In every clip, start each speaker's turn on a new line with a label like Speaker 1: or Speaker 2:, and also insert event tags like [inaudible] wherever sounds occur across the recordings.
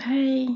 Speaker 1: Hey.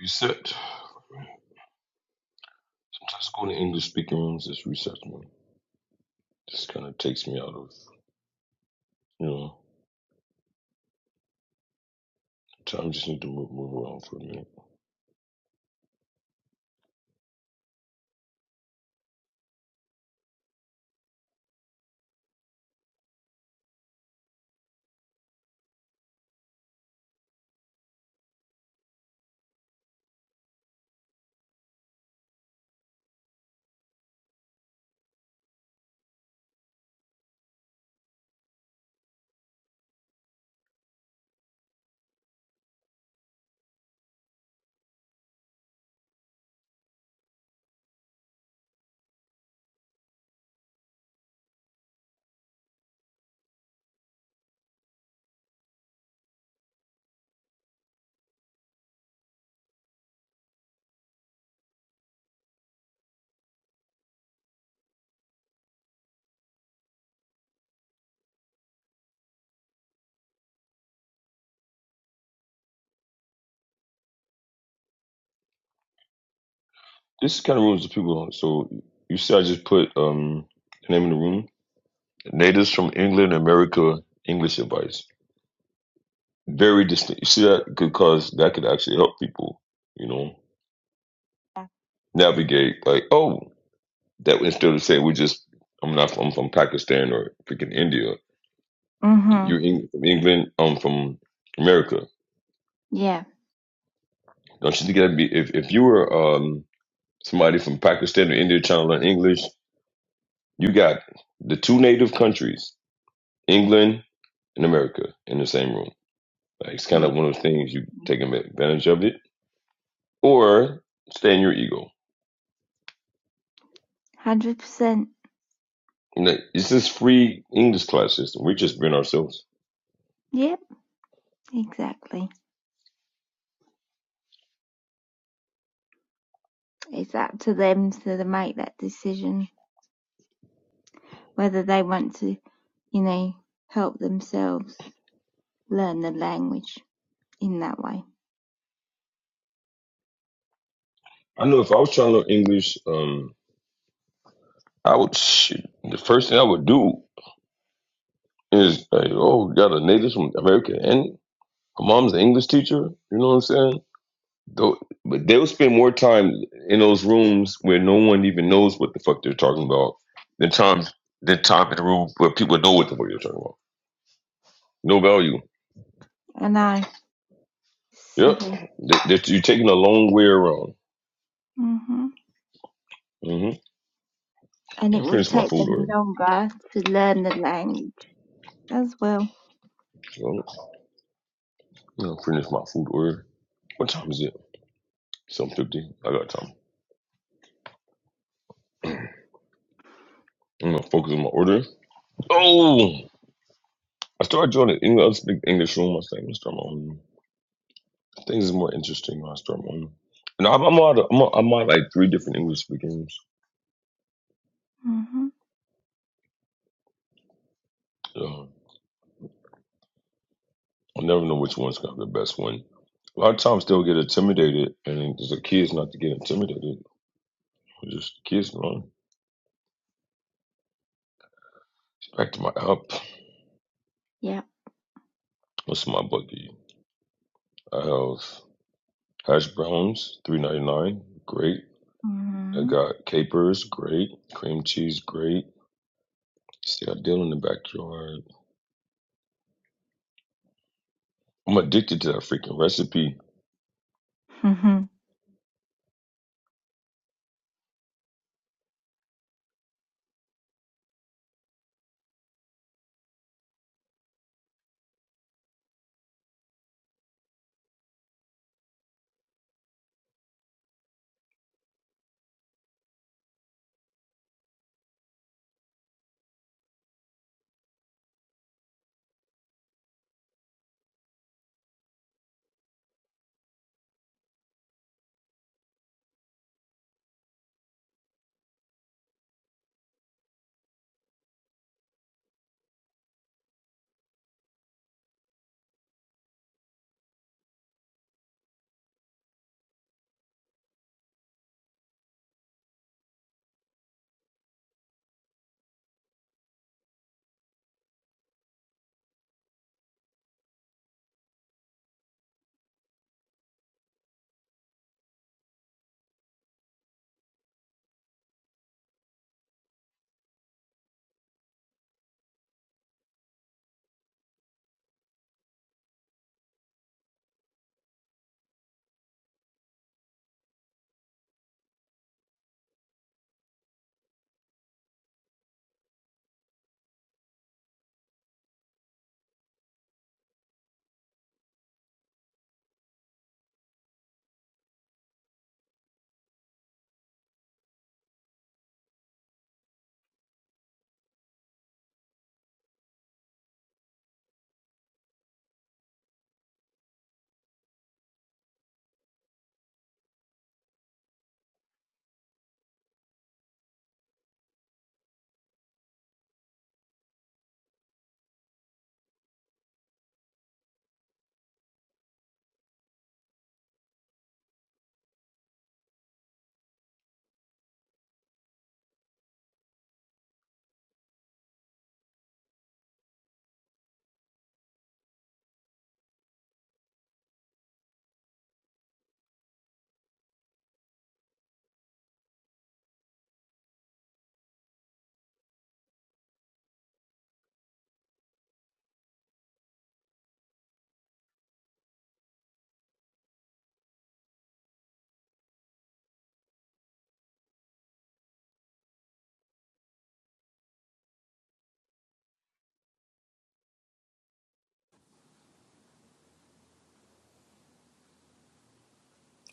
Speaker 2: Reset. Sometimes going to English speaking rooms just resets me. Just kind of takes me out of, you know, time. Just need to move, move around for a minute. This kind of rooms the people. huh? So you see, I just put um the name of the room: Natives from England, America, English advice. Very distinct. You see that could cause that could actually help people, you know, navigate. Like, oh, that instead of saying we just, I'm not, I'm from Pakistan or freaking India.
Speaker 1: Mm-hmm.
Speaker 2: You Eng- England, I'm from America.
Speaker 1: Yeah.
Speaker 2: Don't you think that'd be if, if you were um, somebody from Pakistan or India trying to learn English, you got the two native countries, England and America, in the same room. Like, it's kind
Speaker 1: Yeah.
Speaker 2: of one of those things you take advantage of it or stay in your ego.
Speaker 1: Hundred percent.
Speaker 2: And that- It's this free English class system. We're just being ourselves.
Speaker 1: Yep. Exactly. It's up to them to the- make that decision whether they want to, you know, help themselves learn the language in that way.
Speaker 2: I know if I was trying to learn English, um, I would shoot, the first thing I would do is like, oh, we got a native from America and her mom's an English teacher. You know what I'm saying? Though- But they'll spend more time in those rooms where no one even knows what the fuck they're talking about than times than time in the room where people know what the fuck they're talking about. No value.
Speaker 1: I know.
Speaker 2: Yep.
Speaker 1: Silly.
Speaker 2: That, that you're taking a long way around.
Speaker 1: hmm
Speaker 2: hmm
Speaker 1: And it
Speaker 2: I
Speaker 1: will
Speaker 2: finished my
Speaker 1: take
Speaker 2: food
Speaker 1: them
Speaker 2: order.
Speaker 1: longer to learn the language as well.
Speaker 2: So, I'm gonna finish my food order. What time is it? Seven fifty. I got time. I'm gonna focus on my order. Oh, I started joining English, I was big English room. I think I'm gonna start my own. Things is more interesting when I start my own. And I'm, I'm out. I'm, on I'm out like three different English speaking rooms.
Speaker 1: hmm
Speaker 2: So I never know which one's gonna be the best one. A lot of times they'll get intimidated, and it's the kids not to get intimidated. Just the kids grown. Back to my app.
Speaker 1: Yeah.
Speaker 2: What's my buggy? I have hash browns, three ninety nine, great. I
Speaker 1: hmm
Speaker 2: got capers, great. Cream cheese, great. See I deal in the backyard. I'm addicted to that freaking recipe.
Speaker 1: [laughs]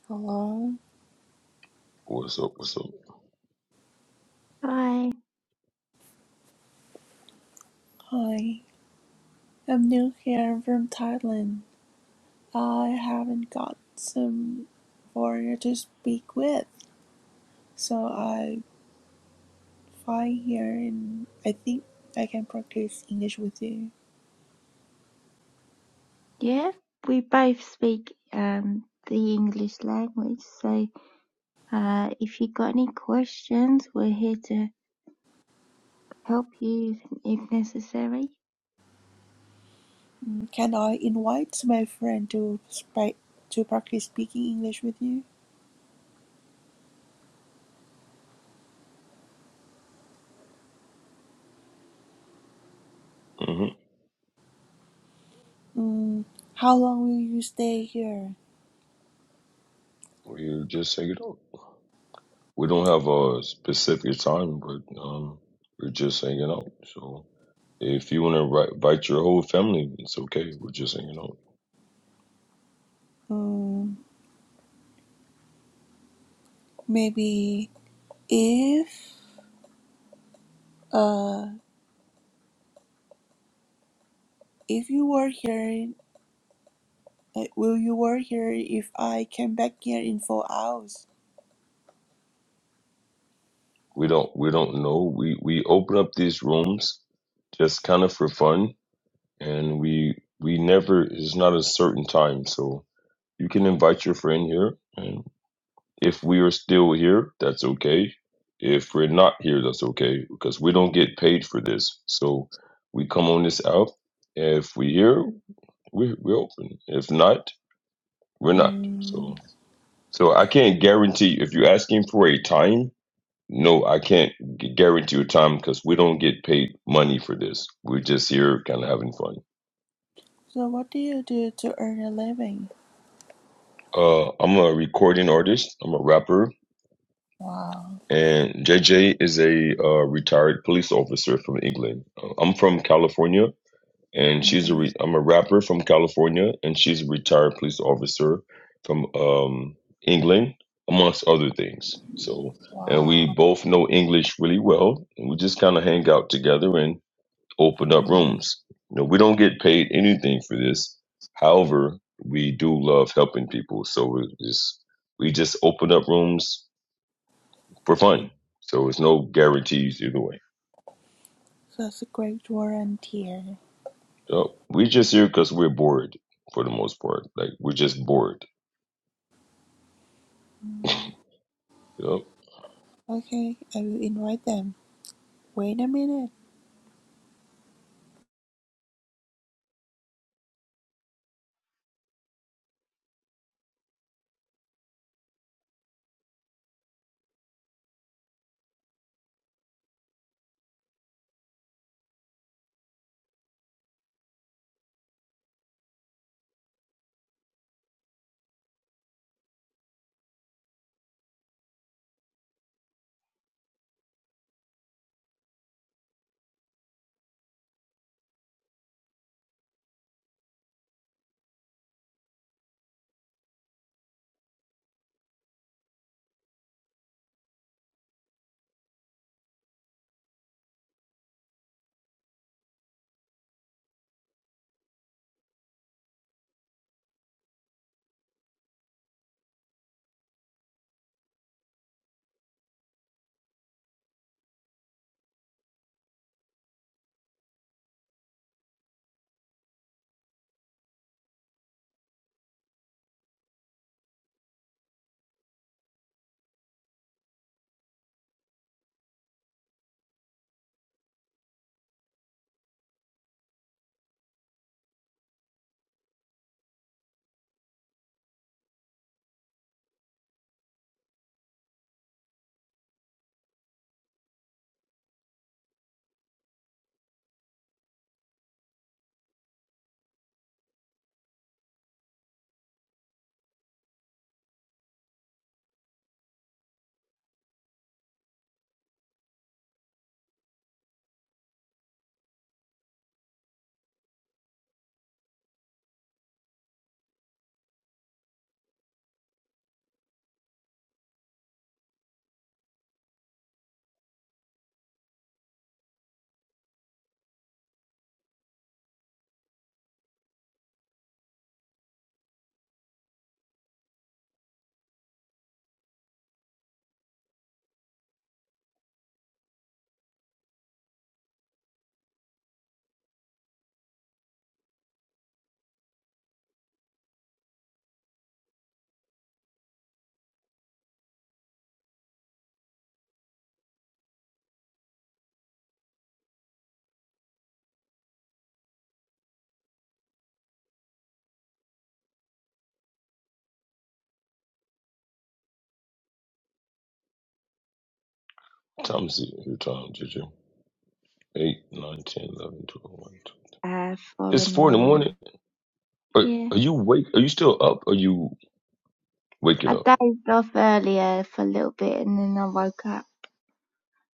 Speaker 3: Hello,
Speaker 2: What's up? What's up?
Speaker 1: I.
Speaker 3: hi. I'm new here from Thailand. I haven't got some foreigner to speak with, so I fly here and I think I can practice English with you.
Speaker 1: Yeah. We both speak um the English language, so Uh, if you got any questions, we're here to help you if necessary.
Speaker 3: Mm, Can I invite my friend to speak to practice speaking English with you?
Speaker 2: Mm-hmm.
Speaker 3: Mm, how long will you stay here?
Speaker 2: We just take it up. We don't have a specific time, but um, we're just hanging out. So if you want to invite your whole family, it's okay. We're just hanging out.
Speaker 3: Mm, maybe if uh if you were here Like, will you work here if I came back here in four hours?
Speaker 2: We don't we don't know. We we open up these rooms just kind of for fun, and we we never. It's not a certain time, so you can invite your friend here, and. If we are still here, that's okay. If we're not here, that's okay because we don't get paid for this. So we come on this out. If we here, we we open. If not, we're not. So
Speaker 3: Mm.
Speaker 2: so I can't guarantee if you're asking for a time. No, I can't gu- guarantee a time because we don't get paid money for this. We're just here kind of having fun.
Speaker 3: So what do you do to earn a living?
Speaker 2: Uh, I'm a recording artist. I'm a rapper.
Speaker 3: Wow.
Speaker 2: and JJ is a uh, retired police officer from England. Uh, I'm from California, and she's a
Speaker 3: hmm
Speaker 2: re- I'm a rapper from California, and she's a retired police officer from um, England, amongst other things. So, and
Speaker 3: Wow.
Speaker 2: we both know English really well, and we just kind of hang out together and open up
Speaker 3: Mm.
Speaker 2: rooms. You know, we don't get paid anything for this. However, we do love helping people, so we just we just open up rooms for fun. So it's no guarantees either way.
Speaker 3: That's a great volunteer.
Speaker 2: So we're just here because we're bored for the most part. Like we're just bored. Yep.
Speaker 3: Okay, I will invite them. Wait a minute.
Speaker 2: Time to see your time, Juju. 8, nine, ten, eleven, twelve, one, 2.
Speaker 1: Uh, four
Speaker 2: It's
Speaker 1: in the
Speaker 2: 4 in the morning.
Speaker 1: morning.
Speaker 2: Are,
Speaker 1: Yeah,
Speaker 2: are you wake? Are you still up? Or Are you waking
Speaker 1: I
Speaker 2: up?
Speaker 1: dozed off earlier for a little bit and then I woke up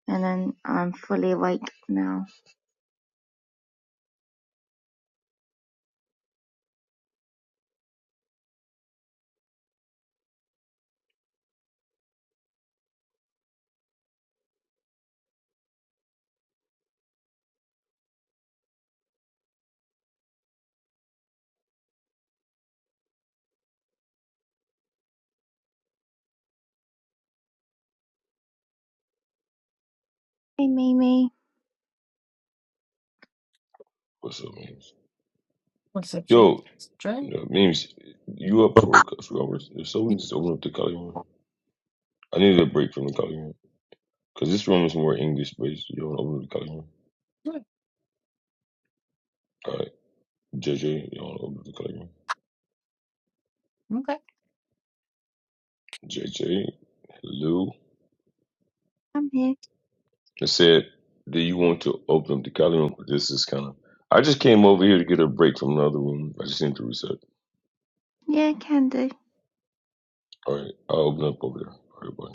Speaker 1: and then I'm fully awake now. Hey, Mimi,
Speaker 2: What's up, memes?
Speaker 4: What's up, Jake?
Speaker 2: Yo,
Speaker 4: Dre?
Speaker 2: no, memes, you up for a few hours? If so, we can just open up the Cali room. I needed a break from the Cali room. Because this room is more English based. You don't open up the Cali room. All right. JJ, you don't open up the Cali room.
Speaker 4: Okay.
Speaker 2: JJ, Lou
Speaker 1: I'm here.
Speaker 2: and said, Do you want to open up the Kali room? This is kind of. I just came over here to get a break from another room. I just need to reset.
Speaker 1: Yeah, can do.
Speaker 2: All right, I'll open up over there. All right, bye.